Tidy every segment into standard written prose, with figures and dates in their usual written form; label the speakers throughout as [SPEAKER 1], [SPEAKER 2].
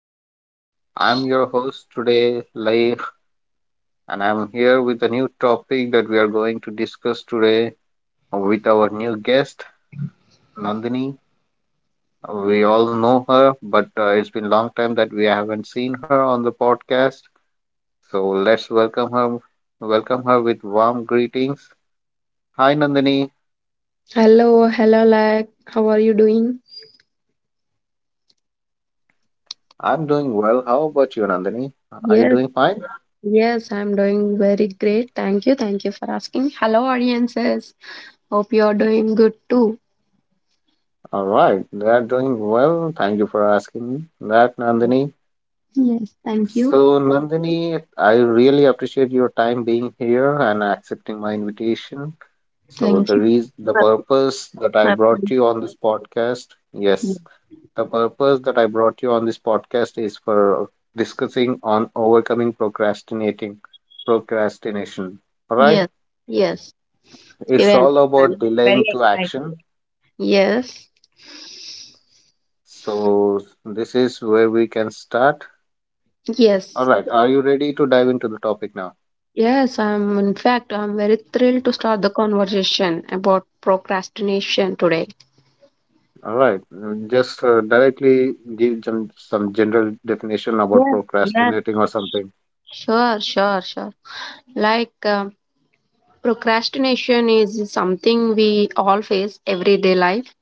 [SPEAKER 1] Hi, I'm your host today, Laik, and I'm here with a new topic that we are going to discuss today with our new guest, Nandini. We all know her, but it's been a long time that we haven't seen her on the podcast. So let's welcome her. Welcome her with warm greetings. Hi, Nandini.
[SPEAKER 2] Hello, hello, like, how are you doing?
[SPEAKER 1] I'm doing well. How about you, Nandini? Are you
[SPEAKER 2] Yes,
[SPEAKER 1] doing fine?
[SPEAKER 2] yes, I'm doing very great. Thank you for asking. Hello, audiences. Hope you are doing good too.
[SPEAKER 1] All right, they are doing well. Thank you for asking that, Nandini.
[SPEAKER 2] Yes, thank you,
[SPEAKER 1] So, Nandini, I really appreciate your time being here and accepting my invitation. So,
[SPEAKER 2] thank
[SPEAKER 1] the
[SPEAKER 2] you.
[SPEAKER 1] reason, the
[SPEAKER 2] for-
[SPEAKER 1] purpose that I
[SPEAKER 2] for-
[SPEAKER 1] brought you on this podcast, yes, the purpose that I brought you on this podcast is for discussing on overcoming procrastinating, procrastination. All right,
[SPEAKER 2] Yes, yes,
[SPEAKER 1] it's
[SPEAKER 2] even
[SPEAKER 1] all about
[SPEAKER 2] I'm very
[SPEAKER 1] delaying to
[SPEAKER 2] excited.
[SPEAKER 1] action.
[SPEAKER 2] Yes,
[SPEAKER 1] So, this is where we can start.
[SPEAKER 2] yes,
[SPEAKER 1] All right, are you ready to dive into the topic now?
[SPEAKER 2] yes. I'm In fact, I'm very thrilled to start the conversation about procrastination today.
[SPEAKER 1] All right. Just directly give some general definition about
[SPEAKER 2] Yes, yes.
[SPEAKER 1] procrastinating or something.
[SPEAKER 2] Sure, sure, sure. Like, procrastination is something we all face everyday life,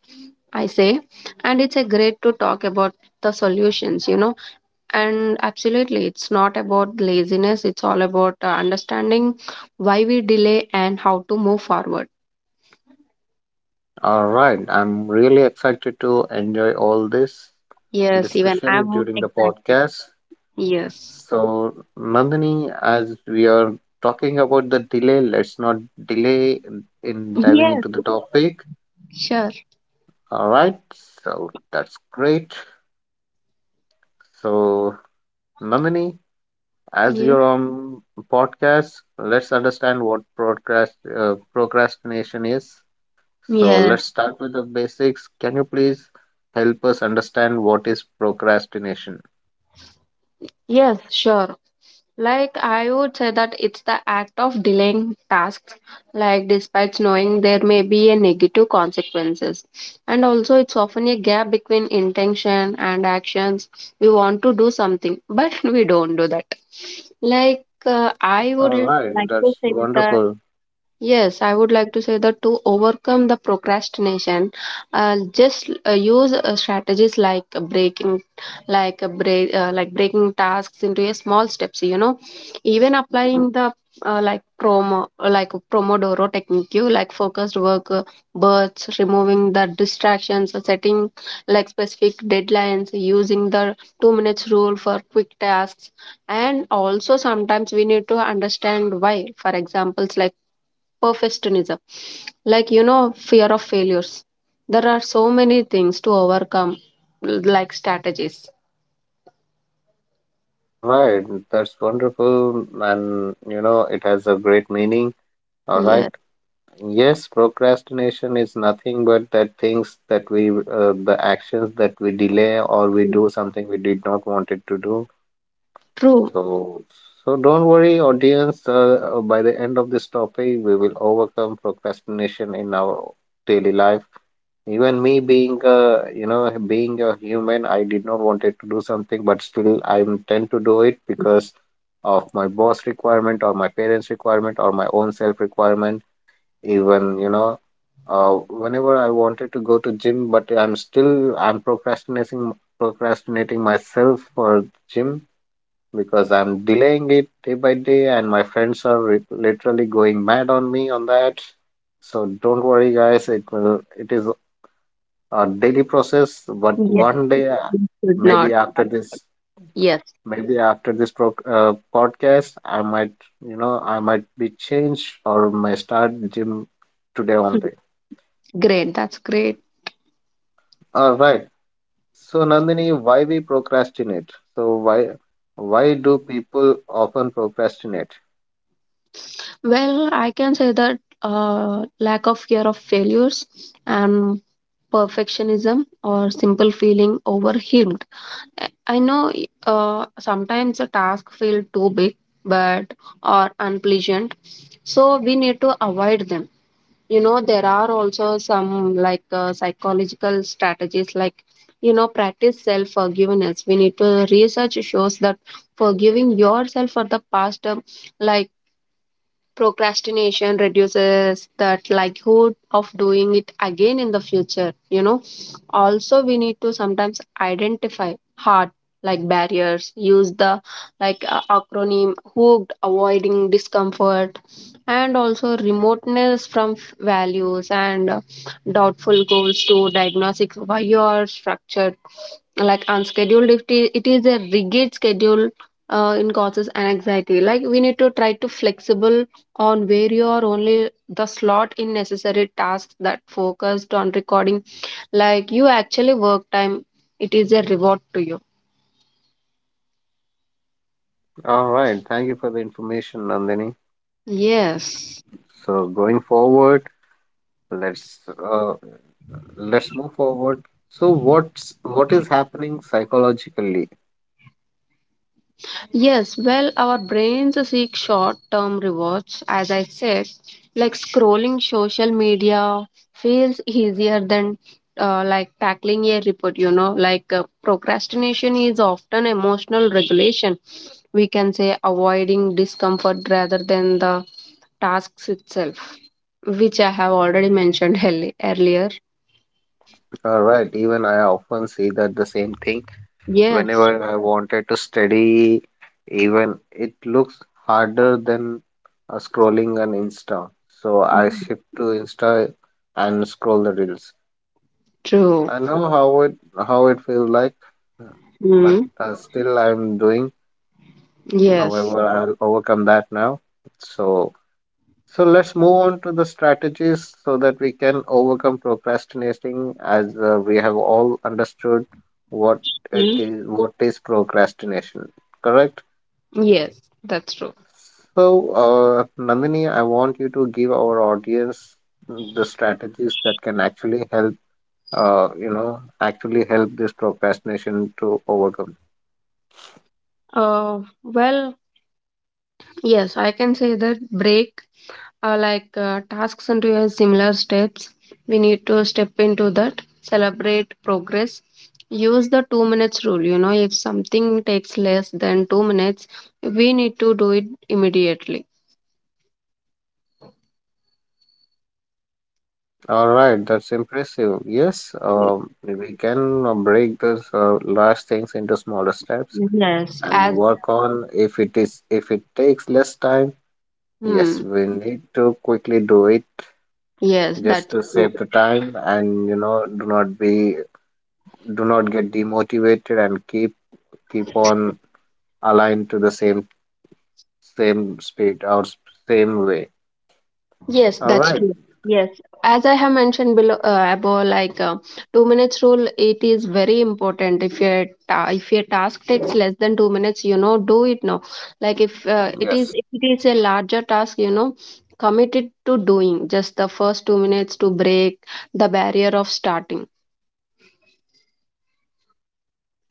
[SPEAKER 2] I say, and it's a great to talk about the solutions. And absolutely, it's not about laziness. It's all about understanding why we delay and how to move forward.
[SPEAKER 1] All right. I'm really excited to enjoy all this
[SPEAKER 2] Yes, even I'm
[SPEAKER 1] discussion during the
[SPEAKER 2] excited.
[SPEAKER 1] podcast.
[SPEAKER 2] Yes,
[SPEAKER 1] So, Nandini, as we are talking about the delay, let's not delay in diving
[SPEAKER 2] yes,
[SPEAKER 1] into the topic.
[SPEAKER 2] sure.
[SPEAKER 1] All right. So, that's great. So, Nandini, as
[SPEAKER 2] Yeah,
[SPEAKER 1] your podcast, let's understand what procrastination is. So
[SPEAKER 2] yes,
[SPEAKER 1] let's start with the basics. Can you please help us understand what is procrastination?
[SPEAKER 2] yes, sure. Like I would say that it's the act of delaying tasks, like despite knowing there may be a negative consequences. And also it's often a gap between intention and actions. We want to do something, but we don't do that. Like, I would
[SPEAKER 1] All right,
[SPEAKER 2] like to
[SPEAKER 1] that's
[SPEAKER 2] say that.
[SPEAKER 1] wonderful.
[SPEAKER 2] Yes, I would like to say that to overcome the procrastination, just use strategies like breaking, like a break, like breaking tasks into a small steps. You know, even applying the like promo, like Pomodoro technique, you like focused work, bursts, removing the distractions, setting like specific deadlines, using the 2 minutes rule for quick tasks, and also sometimes we need to understand why. For examples like perfectionism, like, fear of failures. There are so many things to overcome, like strategies.
[SPEAKER 1] All right, that's wonderful, and you know it has a great meaning. All right.
[SPEAKER 2] Yes,
[SPEAKER 1] Yes, procrastination is nothing but that things the actions that we delay or we do something we did not wanted to do.
[SPEAKER 2] true.
[SPEAKER 1] So, so don't worry, audience. By the end of this topic, we will overcome procrastination in our daily life. Even me, being a being a human, I did not wanted to do something, but still I tend to do it because of my boss requirement or my parents requirement or my own self requirement. Even uh, whenever I wanted to go to gym, but I'm still I'm procrastinating myself for gym because I'm delaying it day by day, and my friends are literally going mad on me on that. So don't worry, guys. It will. It is a daily process, but
[SPEAKER 2] Yes,
[SPEAKER 1] one day,
[SPEAKER 2] we should
[SPEAKER 1] maybe
[SPEAKER 2] not,
[SPEAKER 1] after
[SPEAKER 2] but
[SPEAKER 1] this,
[SPEAKER 2] yes.
[SPEAKER 1] maybe after this podcast, I might, I might be changed or may start gym today
[SPEAKER 2] Hmm.
[SPEAKER 1] only.
[SPEAKER 2] Great, that's great.
[SPEAKER 1] All right. So Nandini, why we procrastinate? So why? Why do people often procrastinate?
[SPEAKER 2] Well, I can say that, lack of fear of failures and perfectionism or simple feeling overwhelmed. I I know. Sometimes a task feel too big, but or unpleasant, so we need to avoid them. You know, there are also some like psychological strategies, like, you know, practice self forgiveness. We need to research shows that forgiving yourself for the past, like procrastination reduces that likelihood of doing it again in the future. Also we need to sometimes identify hard like barriers, use the like acronym hooked, avoiding discomfort, and also remoteness from values, and doubtful goals to diagnostic why you are structured like unscheduled. If it is a rigid schedule, in causes anxiety, like we need to try to flexible on where you are only the slot in necessary tasks that focused on recording like you actually work time. It is a reward to you.
[SPEAKER 1] All right, thank you for the information, Nandini.
[SPEAKER 2] Yes.
[SPEAKER 1] So going forward, let's uh, let's move forward. So what is happening psychologically?
[SPEAKER 2] Yes, well, our brains seek short term rewards, as I said, like scrolling social media feels easier than like tackling a report, you know, like procrastination is often emotional regulation. We can say avoiding discomfort rather than the tasks itself, which I have already mentioned earlier.
[SPEAKER 1] All right, even I often see that the same thing
[SPEAKER 2] Yes.
[SPEAKER 1] whenever I wanted to study, even it looks harder than scrolling on Insta. So I
[SPEAKER 2] Mhm.
[SPEAKER 1] shift to Insta and scroll the reels.
[SPEAKER 2] True.
[SPEAKER 1] I know how it feels like, but
[SPEAKER 2] Mm.
[SPEAKER 1] still I'm doing.
[SPEAKER 2] Yes.
[SPEAKER 1] However, I'll overcome that now. So. So, let's move on to the strategies so that we can overcome procrastinating as we have all understood what it
[SPEAKER 2] Mm,
[SPEAKER 1] is what is procrastination, correct?
[SPEAKER 2] yes, that's true.
[SPEAKER 1] So, Nandini, I want you to give our audience the strategies that can actually help actually help this procrastination to overcome.
[SPEAKER 2] Well, yes, I can say that break tasks into a similar steps. We need to step into that, celebrate progress. Use the 2 minutes rule. You know, if something takes less than 2 minutes, we need to do it immediately.
[SPEAKER 1] All right, that's impressive. Yes,
[SPEAKER 2] Yes,
[SPEAKER 1] we can break this large things into smaller steps
[SPEAKER 2] yes,
[SPEAKER 1] and
[SPEAKER 2] as
[SPEAKER 1] work on if it is if it takes less time. Yes,
[SPEAKER 2] hmm,
[SPEAKER 1] we need to quickly do it
[SPEAKER 2] yes,
[SPEAKER 1] just
[SPEAKER 2] that's
[SPEAKER 1] to
[SPEAKER 2] true.
[SPEAKER 1] save the time, and you know do not get demotivated and keep on aligned to the same speed or same way.
[SPEAKER 2] Yes,
[SPEAKER 1] All
[SPEAKER 2] that's
[SPEAKER 1] right.
[SPEAKER 2] true. Yes, as I have mentioned below above, like, 2 minutes rule, it is very important. If your task takes less than 2 minutes, you know, do it now. Like if
[SPEAKER 1] Yes.
[SPEAKER 2] it is a larger task, you know, committed to doing just the first 2 minutes to break the barrier of starting.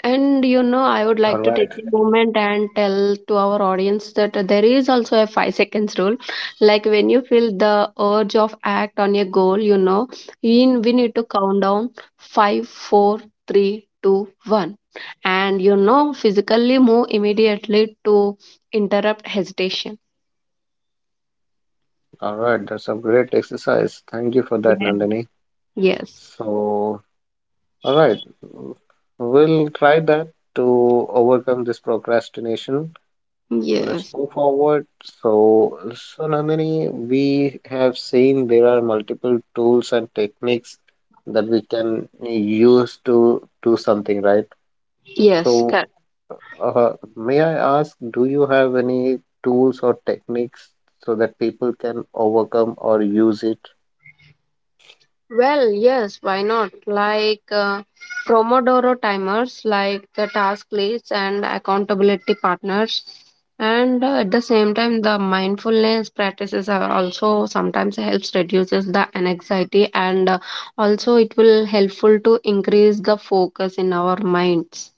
[SPEAKER 2] And you know, I would like
[SPEAKER 1] All
[SPEAKER 2] to take
[SPEAKER 1] right.
[SPEAKER 2] a moment and tell to our audience that there is also a 5 seconds rule. Like when you feel the urge of act on a goal, you know, in we need to count down five, four, three, two, one, and you know, physically move immediately to interrupt hesitation.
[SPEAKER 1] All right, that's a great exercise. Thank you for that,
[SPEAKER 2] Yeah.
[SPEAKER 1] Nandini.
[SPEAKER 2] Yes,
[SPEAKER 1] So, all right, we'll try that to overcome this procrastination. Let's
[SPEAKER 2] yes,
[SPEAKER 1] move forward. So, Nandini, we have seen there are multiple tools and techniques that we can use to do something, right? So,
[SPEAKER 2] yes.
[SPEAKER 1] may I ask, do you have any tools or techniques so that people can overcome or use it?
[SPEAKER 2] Well, yes, why not? Like, Promodoro timers, like the task lists and accountability partners. And at the same time, the mindfulness practices are also sometimes helps reduces the anxiety, and also it will helpful to increase the focus in our minds.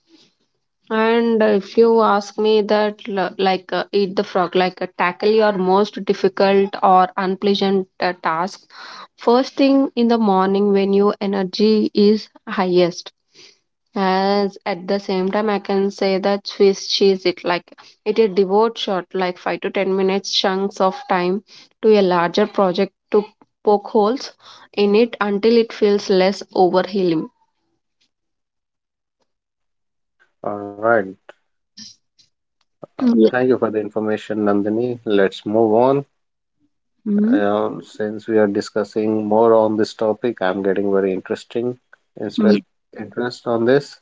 [SPEAKER 2] And if you ask me that, like, eat the frog, like, tackle your most difficult or unpleasant task first thing in the morning when your energy is highest. As at the same time, I can say that Swiss cheese it, like it a devote shot, like 5 to 10 minutes chunks of time to a larger project to poke holes in it until it feels less overwhelming.
[SPEAKER 1] All right.
[SPEAKER 2] Yeah.
[SPEAKER 1] Thank you for the information, Nandini. Let's move on.
[SPEAKER 2] Hmm.
[SPEAKER 1] Since we are discussing more on this topic, I'm getting very
[SPEAKER 2] Yeah.
[SPEAKER 1] interest interest on this.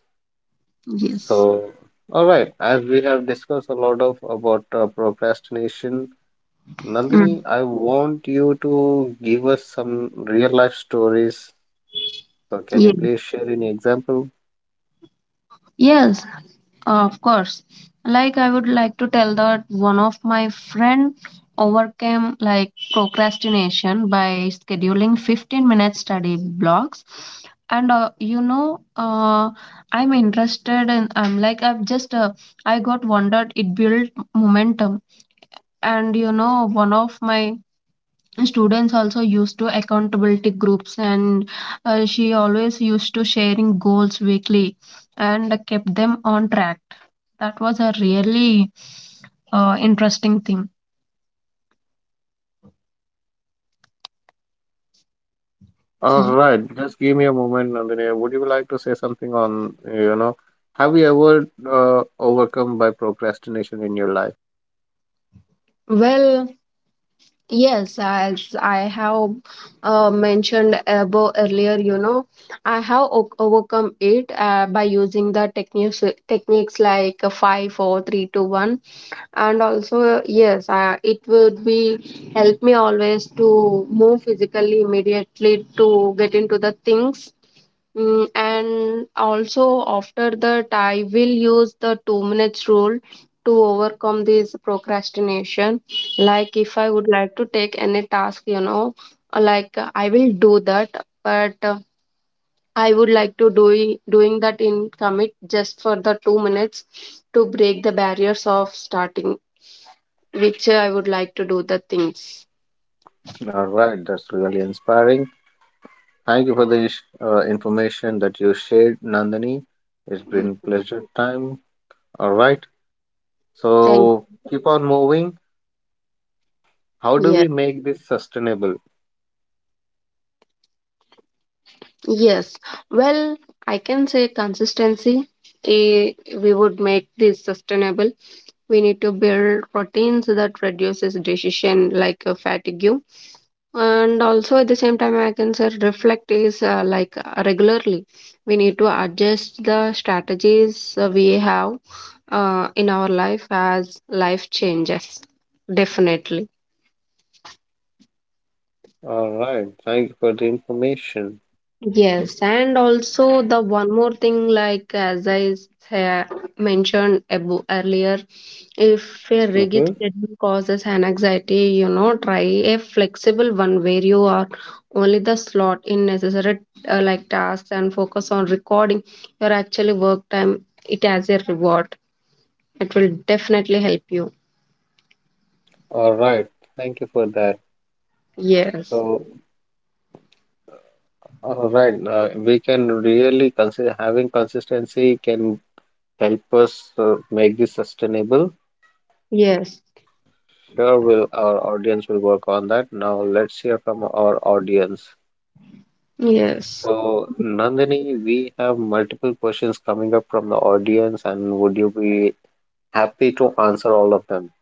[SPEAKER 2] Yes.
[SPEAKER 1] So, all right, as we have discussed a lot of about procrastination, Nandini,
[SPEAKER 2] Mm.
[SPEAKER 1] I want you to give us some real life stories. So, can you please share any example?
[SPEAKER 2] Yes, of course. Like I would like to tell that one of my friend overcame like procrastination by scheduling 15-minute study blocks, and you know, I'm interested, and I'm like I've just I got wondered it built momentum. And you know, one of my students also used to accountability groups, and she always used to sharing goals weekly and kept them on track. That was a really interesting thing.
[SPEAKER 1] All right, just give me a moment, Nandini. Would you like to say something on, have you ever overcome by procrastination in your life?
[SPEAKER 2] Well, yes, as I have mentioned above earlier, you know, I have overcome it by using the techniques like five, four, three, two, one, and also yes, it would be help me always to move physically immediately to get into the things. Mm, and also after that, I will use the 2 minutes rule to overcome this procrastination, like if I would like to take any task, you know, I will do that, but I would like to do doing that in commit just for the 2 minutes to break the barriers of starting, which I would like to do the things.
[SPEAKER 1] All right, that's really inspiring. Thank you for the information that you shared, Nandini. It's been
[SPEAKER 2] Mm.
[SPEAKER 1] pleasure time. All right.
[SPEAKER 2] Thank
[SPEAKER 1] So keep on moving. How do
[SPEAKER 2] Yeah,
[SPEAKER 1] we make this sustainable?
[SPEAKER 2] yes. Well, I can say consistency. We would make this sustainable. We need to build routines that reduces decision like fatigue. And also at the same time, I can say reflect is regularly we need to adjust the strategies we have in our life as life changes. Definitely.
[SPEAKER 1] All right. Thank you for the information.
[SPEAKER 2] Yes, and also the one more thing, like as I mentioned earlier, if a rigid
[SPEAKER 1] Mm-hmm.
[SPEAKER 2] schedule causes an anxiety, you know, try a flexible one where you are only the slot in necessary like tasks and focus on recording your actually work time. It as a reward. It will definitely help you.
[SPEAKER 1] All right. Thank you for that.
[SPEAKER 2] Yes,
[SPEAKER 1] So, all right. We can really consider having consistency can help us make this sustainable.
[SPEAKER 2] yes,
[SPEAKER 1] Sure, will our audience will work on that. Now let's hear from our audience.
[SPEAKER 2] yes.
[SPEAKER 1] So, Nandini, we have multiple questions coming up from the audience, and would you be happy to answer all of them?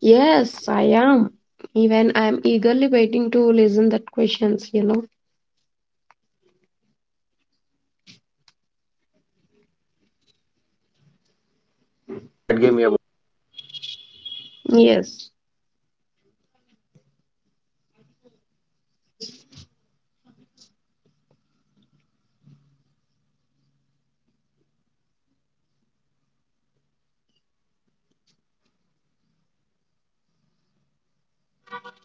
[SPEAKER 2] Yes, I am. Even I'm eagerly waiting to listen that questions.
[SPEAKER 1] All right, give me a.
[SPEAKER 2] Yes.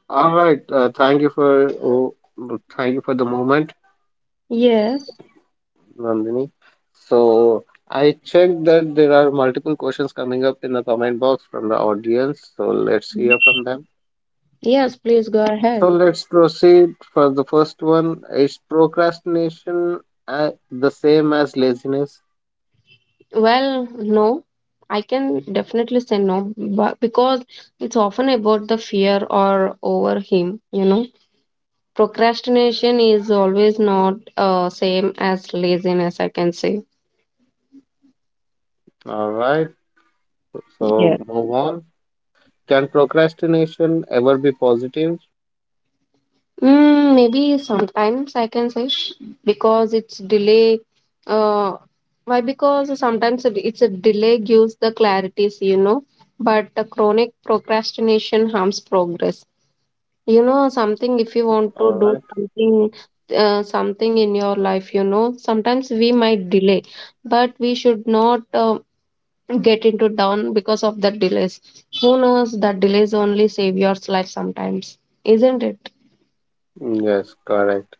[SPEAKER 1] All right, thank you for the moment,
[SPEAKER 2] Yes.
[SPEAKER 1] Nandini. So I checked that there are multiple questions coming up in the comment box from the audience. So let's hear from them.
[SPEAKER 2] Yes, please go
[SPEAKER 1] So
[SPEAKER 2] ahead.
[SPEAKER 1] let's proceed for the first one. Is procrastination the same as laziness?
[SPEAKER 2] Well, no. I can definitely say no, but because it's often about the fear or over him, you know. Procrastination is always not same as laziness, I can say.
[SPEAKER 1] All right, so
[SPEAKER 2] Yes.
[SPEAKER 1] move on. Can procrastination ever be positive?
[SPEAKER 2] Mm, maybe sometimes I can say because it's delay. Uh, why? Because sometimes it's a delay gives the clarities. But the chronic procrastination harms progress. You know, something if you want to
[SPEAKER 1] All
[SPEAKER 2] do
[SPEAKER 1] right.
[SPEAKER 2] something, something in your life, you know, sometimes we might delay, but we should not get into down because of the delays. Who knows that delays only save your life sometimes, isn't it?
[SPEAKER 1] Yes, correct.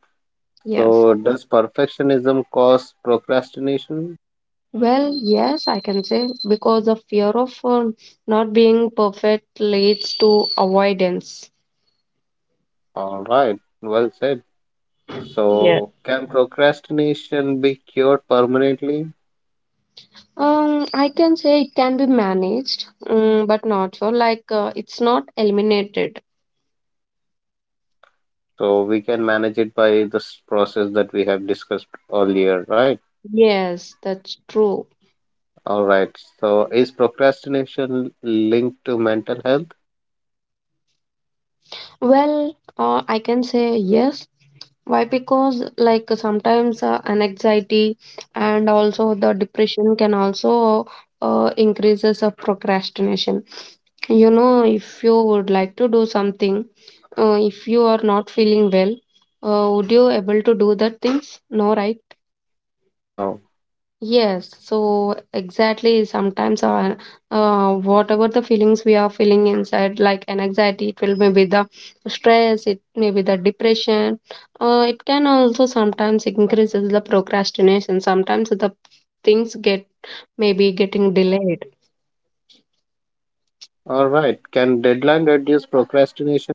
[SPEAKER 2] Yeah.
[SPEAKER 1] So, does perfectionism cause procrastination?
[SPEAKER 2] Well, yes, I can say because the fear of not being perfect leads to avoidance.
[SPEAKER 1] All right. Well said.
[SPEAKER 2] Yes.
[SPEAKER 1] So, can procrastination be cured permanently?
[SPEAKER 2] I can say it can be managed, but not sure. Like it's not eliminated.
[SPEAKER 1] So, we can manage it by this process that we have discussed earlier, right?
[SPEAKER 2] Yes, that's true.
[SPEAKER 1] All right. So, is procrastination linked to mental health?
[SPEAKER 2] Well, I can say yes. Why? Because like sometimes an anxiety and also the depression can also increases of procrastination. You know, if you would like to do something, if you are not feeling well, would you able to do that things? No, right?
[SPEAKER 1] No.
[SPEAKER 2] Yes, so exactly. Sometimes, whatever the feelings we are feeling inside, like an anxiety, it will maybe the stress, it may be the depression. It can also sometimes increases the procrastination. Sometimes the things get maybe getting delayed.
[SPEAKER 1] All right. Can deadline reduce procrastination?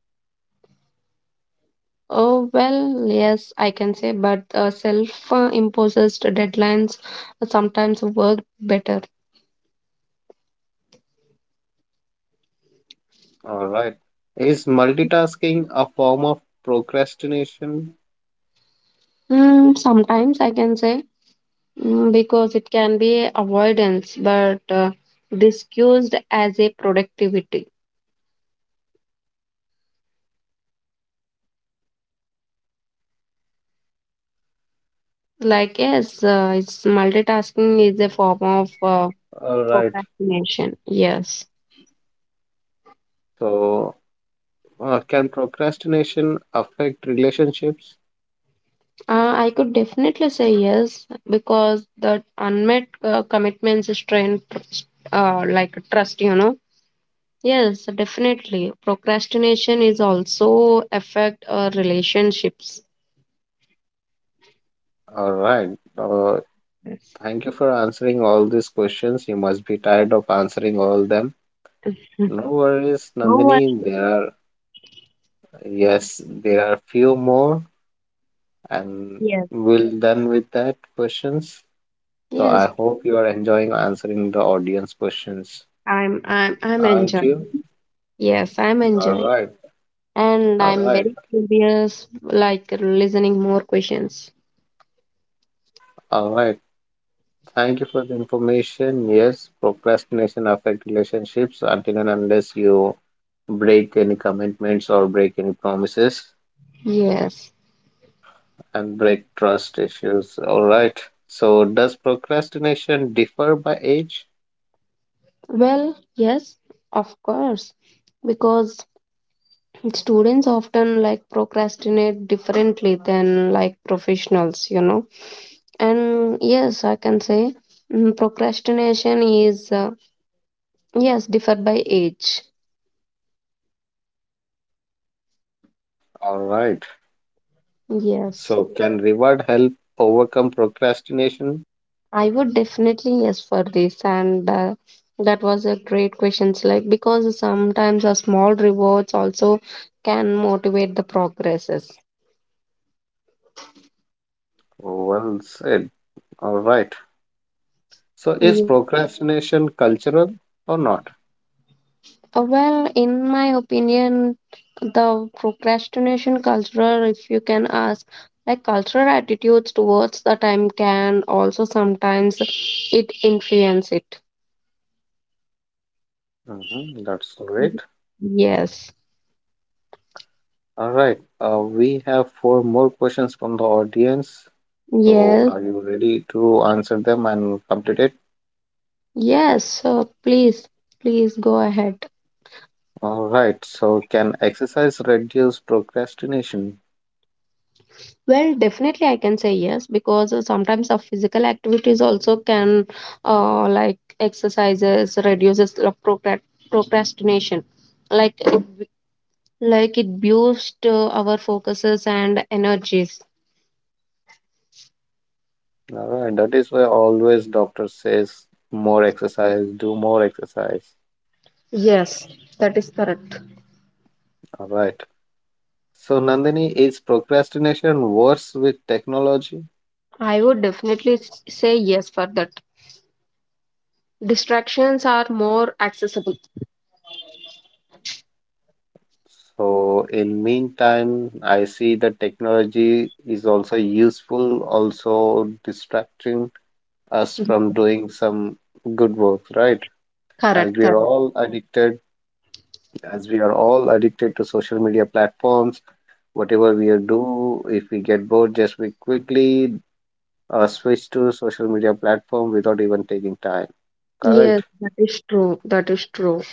[SPEAKER 2] Oh, well, yes, I can say, but self imposed deadlines sometimes work better.
[SPEAKER 1] All right. Is multitasking a form of procrastination?
[SPEAKER 2] Mm, sometimes I can say because it can be avoidance, but discussed as a productivity. Like, yes, it's multitasking is a form of
[SPEAKER 1] All right.
[SPEAKER 2] procrastination. Yes.
[SPEAKER 1] So, can procrastination affect relationships?
[SPEAKER 2] I could definitely say yes because the unmet commitments strain, like trust, you know. Yes, definitely. Procrastination is also affect our relationships.
[SPEAKER 1] All right. Uh,
[SPEAKER 2] Hmm.
[SPEAKER 1] thank you for answering all these questions. You must be tired of answering all them. No worries,
[SPEAKER 2] No one.
[SPEAKER 1] Nandini. Yes, there are few more, and
[SPEAKER 2] Yes.
[SPEAKER 1] we'll done with that questions. So I
[SPEAKER 2] Yes,
[SPEAKER 1] hope you are enjoying answering the audience questions.
[SPEAKER 2] I'm
[SPEAKER 1] Aren't
[SPEAKER 2] enjoying.
[SPEAKER 1] you?
[SPEAKER 2] Yes, I'm
[SPEAKER 1] All
[SPEAKER 2] enjoying.
[SPEAKER 1] right.
[SPEAKER 2] And
[SPEAKER 1] All
[SPEAKER 2] I'm
[SPEAKER 1] right.
[SPEAKER 2] very curious, like listening more questions.
[SPEAKER 1] All right. Thank you for the information. Yes, procrastination affect relationships until and unless you break any commitments or break any promises
[SPEAKER 2] Yes.
[SPEAKER 1] and break trust issues. All right. So does procrastination differ by age?
[SPEAKER 2] Well, yes, of course. Because students often like procrastinate differently than like professionals, you know. And yes, I can say procrastination is, yes, differ by age.
[SPEAKER 1] All right.
[SPEAKER 2] Yes,
[SPEAKER 1] So can reward help overcome procrastination?
[SPEAKER 2] I would definitely yes for this. And that was a great question, like because sometimes a small rewards also can motivate the progresses.
[SPEAKER 1] Well said. All right. So is
[SPEAKER 2] Ye-
[SPEAKER 1] procrastination cultural or not?
[SPEAKER 2] Well, in my opinion, the procrastination cultural, if you can ask, like cultural attitudes towards the time can also sometimes it influence it.
[SPEAKER 1] Hmm. That's great.
[SPEAKER 2] Y- Yes,
[SPEAKER 1] All right, we have four more questions from the audience. So,
[SPEAKER 2] yes,
[SPEAKER 1] are you ready to answer them and complete it?
[SPEAKER 2] yes. So please, please go ahead.
[SPEAKER 1] All right, so can exercise reduce procrastination?
[SPEAKER 2] Well, definitely I can say yes because sometimes our physical activities also can, like exercises reduces the procrastination, like it, like it boosts our focuses and energies.
[SPEAKER 1] All right, that is why always doctor says more exercise, do more exercise.
[SPEAKER 2] Yes, that is correct.
[SPEAKER 1] All right. So, Nandini, is procrastination worse with technology?
[SPEAKER 2] I would definitely say yes for that. Distractions are more accessible.
[SPEAKER 1] So, in meantime, I see that technology is also useful, also distracting us
[SPEAKER 2] Mhm.
[SPEAKER 1] from doing some good work, right? As
[SPEAKER 2] Correct,
[SPEAKER 1] we are
[SPEAKER 2] correct.
[SPEAKER 1] all as we are all addicted to social media platforms, whatever we are do, if we get bored, just we quickly switch to social media platform without even taking time. Correct.
[SPEAKER 2] Yes, that is true. That is true.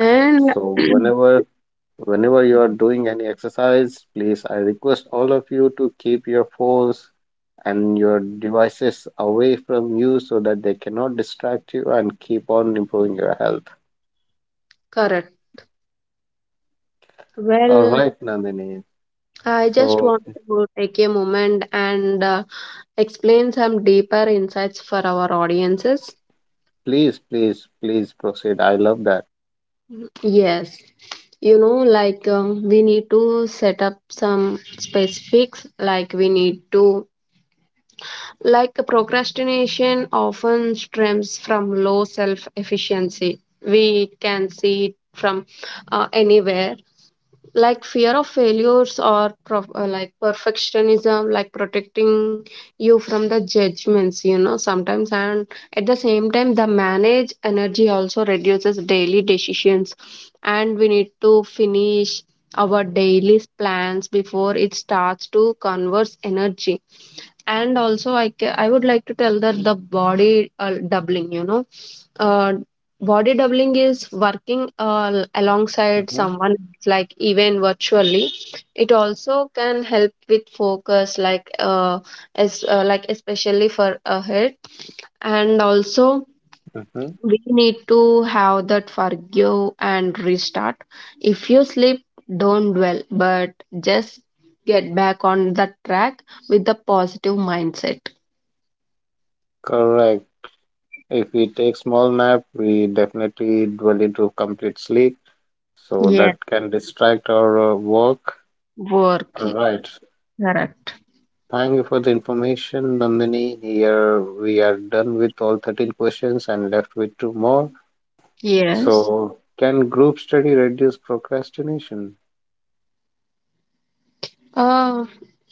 [SPEAKER 2] And
[SPEAKER 1] So whenever you are doing any exercise, please I request all of you to keep your phones and your devices away from you so that they cannot distract you and keep on improving your health.
[SPEAKER 2] correct.
[SPEAKER 1] All
[SPEAKER 2] Well,
[SPEAKER 1] right, Nandini.
[SPEAKER 2] I just
[SPEAKER 1] So
[SPEAKER 2] want to take a moment and explain some deeper insights for our audiences.
[SPEAKER 1] please, please, please proceed. I love that.
[SPEAKER 2] Yes, you know, like we need to set up some specifics, like we need to, like procrastination often stems from low self efficiency. We can see it from anywhere, like fear of failures or like perfectionism, like protecting you from the judgments, you know, sometimes, and at the same time the manage energy also reduces daily decisions, and we need to finish our daily plans before it starts to converse energy. And also I would like to tell that the body doubling, you know, uh, body doubling is working alongside
[SPEAKER 1] Hmm.
[SPEAKER 2] someone else, like even virtually, it also can help with focus, like as like especially for ahead. And also
[SPEAKER 1] Hmm.
[SPEAKER 2] we need to have that forgive and restart. If you sleep, don't dwell, but just get back on the track with the positive mindset.
[SPEAKER 1] Correct. If we take small nap, we definitely dwell into complete sleep, so
[SPEAKER 2] Yeah,
[SPEAKER 1] that can distract our work.
[SPEAKER 2] work.
[SPEAKER 1] All right.
[SPEAKER 2] Correct.
[SPEAKER 1] Thank you for the information, Nandini. Here we are done with all 13 questions and left with two more.
[SPEAKER 2] Yes.
[SPEAKER 1] So, can group study reduce procrastination?
[SPEAKER 2] uh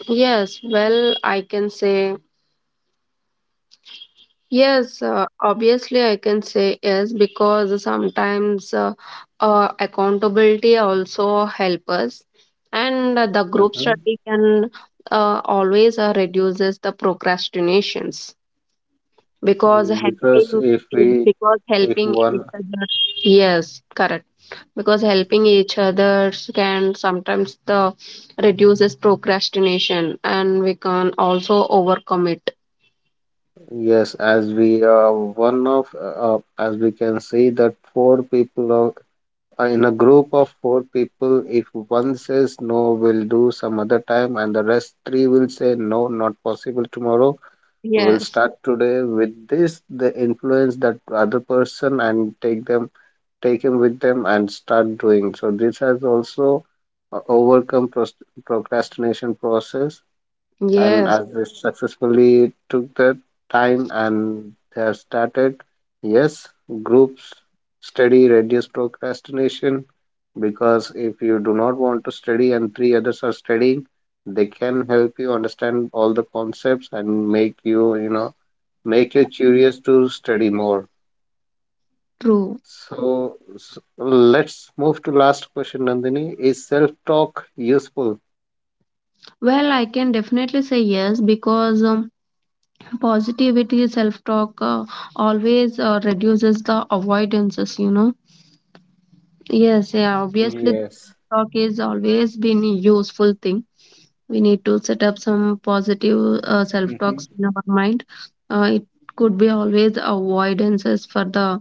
[SPEAKER 2] Yes, well, I can say yes. Obviously, I can say yes because sometimes, accountability also help us, and the group
[SPEAKER 1] Hmm.
[SPEAKER 2] study can always reduces the procrastinations because helping,
[SPEAKER 1] Because if we
[SPEAKER 2] because
[SPEAKER 1] if
[SPEAKER 2] helping
[SPEAKER 1] one.
[SPEAKER 2] each other. Yes, correct. Because helping each other can sometimes the reduces procrastination, and we can also overcome it.
[SPEAKER 1] Yes, as we one of as we can see that in a group of four people, if one says no, we'll do some other time, and the rest three will say no, not possible tomorrow. We'll
[SPEAKER 2] Yes,
[SPEAKER 1] start today. With this, they influence that other person and take them, take him with them, and start doing. So this has also overcome pros procrastination process, and
[SPEAKER 2] yes,
[SPEAKER 1] as they successfully took their time and they have started, yes, groups study reduce procrastination, because if you do not want to study and three others are studying, they can help you understand all the concepts and make you you know make you curious to study more.
[SPEAKER 2] true.
[SPEAKER 1] So, s let's move to last question, Nandini. Is self talk useful?
[SPEAKER 2] Well, I can definitely say yes because positivity, self talk always reduces the avoidances, you know. Yes, yeah, obviously, the
[SPEAKER 1] Yes.
[SPEAKER 2] talk is always been a useful thing. We need to set up some positive self talks in our mind. It could be always avoidances for the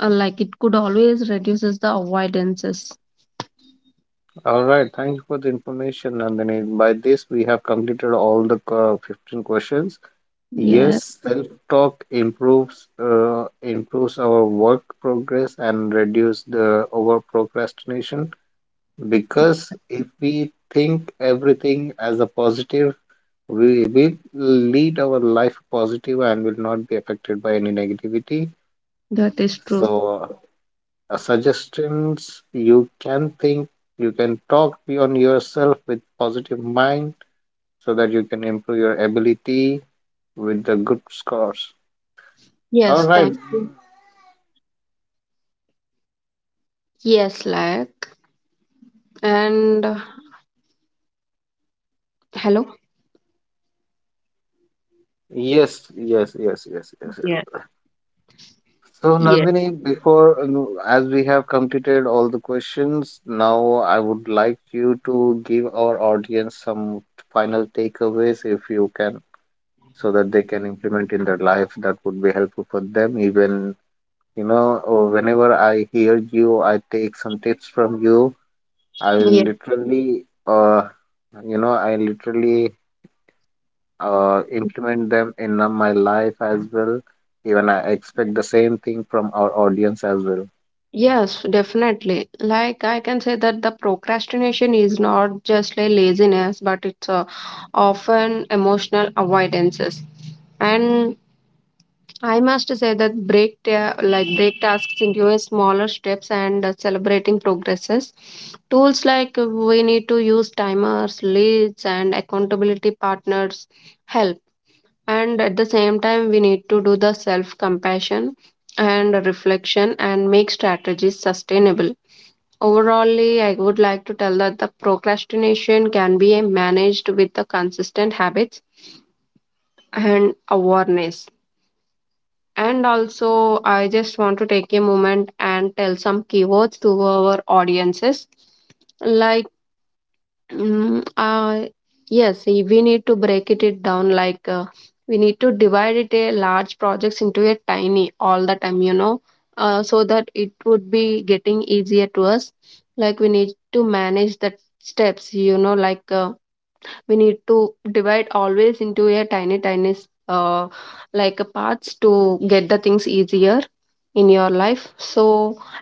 [SPEAKER 2] like it could always reduces the avoidances.
[SPEAKER 1] All right, thank you for the information, Nandini. By this, we have completed all the 15 questions.
[SPEAKER 2] Yeah,
[SPEAKER 1] Yes, self-talk improves our work progress and reduce the over procrastination, because if we think everything as a positive, we will lead our life positive and will not be affected by any negativity.
[SPEAKER 2] that is true.
[SPEAKER 1] So, suggestions: you can talk beyond yourself with positive mind so that you can improve your ability with the good scores. All
[SPEAKER 2] Yes,
[SPEAKER 1] right,
[SPEAKER 2] thank you. Yes, like. And hello?
[SPEAKER 1] yes, yes, yes, yes, yes, yes.
[SPEAKER 2] Yeah,
[SPEAKER 1] So,
[SPEAKER 2] yeah,
[SPEAKER 1] Nandini, before no, as we have completed all the questions now, I would like you to give our audience some final takeaways if you can, so that they can implement in their life. That would be helpful for them. Even, whenever I hear you, I take some tips from you. I
[SPEAKER 2] yeah.
[SPEAKER 1] literally, uh, I literally implement them in my life as well. Even I expect the same thing from our audience as well.
[SPEAKER 2] Yes, definitely. Like I can say that the procrastination is not just a laziness, but it's often emotional avoidances. And I must say that like break tasks into a smaller steps and celebrating progresses. Tools like we need to use timers, leads, and accountability partners help. And at the same time we need to do the self compassion and reflection and make strategies sustainable. Overall, I would like to tell that the procrastination can be managed with the consistent habits and awareness. And also I just want to take a moment and tell some keywords to our audiences, like Mm, uh, yes, we need to break it down, like we need to divide it a large projects into a tiny all the time, you know, so that it would be getting easier to us. Like we need to manage the steps, you know, like we need to divide always into a tiny like a parts to get the things easier in your life. So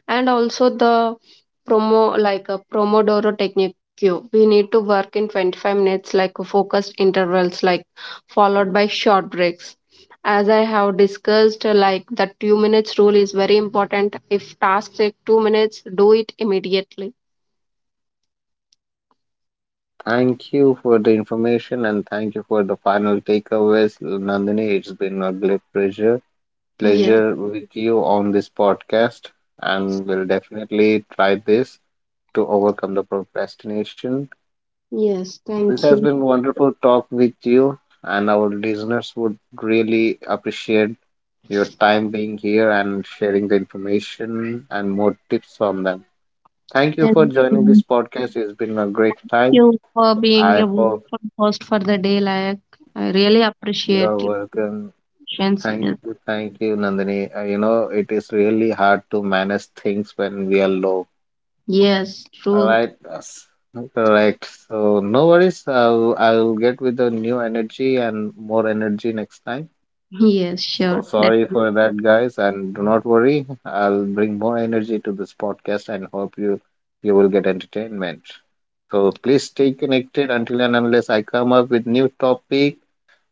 [SPEAKER 2] and also the promo like a promodoro technique, we need to work in 25 minutes like focused intervals, like followed by short breaks. As I have discussed, like the 2 minutes rule is very important. If task take 2 minutes, do it immediately.
[SPEAKER 1] Thank you for the information and thank you for the final takeaways, Nandini. It's been a great
[SPEAKER 2] Yes,
[SPEAKER 1] pleasure with you on this podcast, and we'll definitely try this to overcome the procrastination.
[SPEAKER 2] yes,
[SPEAKER 1] This
[SPEAKER 2] thank
[SPEAKER 1] has
[SPEAKER 2] you.
[SPEAKER 1] been wonderful talk with you, and our listeners would really appreciate your time being here and sharing the information and more tips from them. Thank you for
[SPEAKER 2] And
[SPEAKER 1] joining this podcast. It's been a great time.
[SPEAKER 2] you for being
[SPEAKER 1] I
[SPEAKER 2] a
[SPEAKER 1] hope
[SPEAKER 2] wonderful host for the day. Like, I really
[SPEAKER 1] you are
[SPEAKER 2] appreciate your
[SPEAKER 1] welcome.
[SPEAKER 2] patience. Yes,
[SPEAKER 1] Thank you, Nandini. It is really hard to manage things when we are low.
[SPEAKER 2] yes,
[SPEAKER 1] All
[SPEAKER 2] true.
[SPEAKER 1] right. Yes. Correct. So no worries. I'll get with the new energy and more energy next time.
[SPEAKER 2] Yes,
[SPEAKER 1] So
[SPEAKER 2] sure.
[SPEAKER 1] sorry
[SPEAKER 2] Definitely.
[SPEAKER 1] for that, guys, and do not worry. I'll bring more energy to this podcast and hope you will get entertainment. So please stay connected until and unless I come up with new topic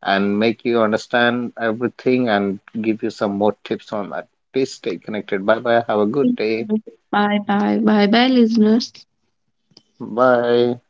[SPEAKER 1] and make you understand everything and give you some more tips on that. Please stay connected. Bye bye. Have a good day.
[SPEAKER 2] Bye bye. Bye bye, listeners.
[SPEAKER 1] Bye.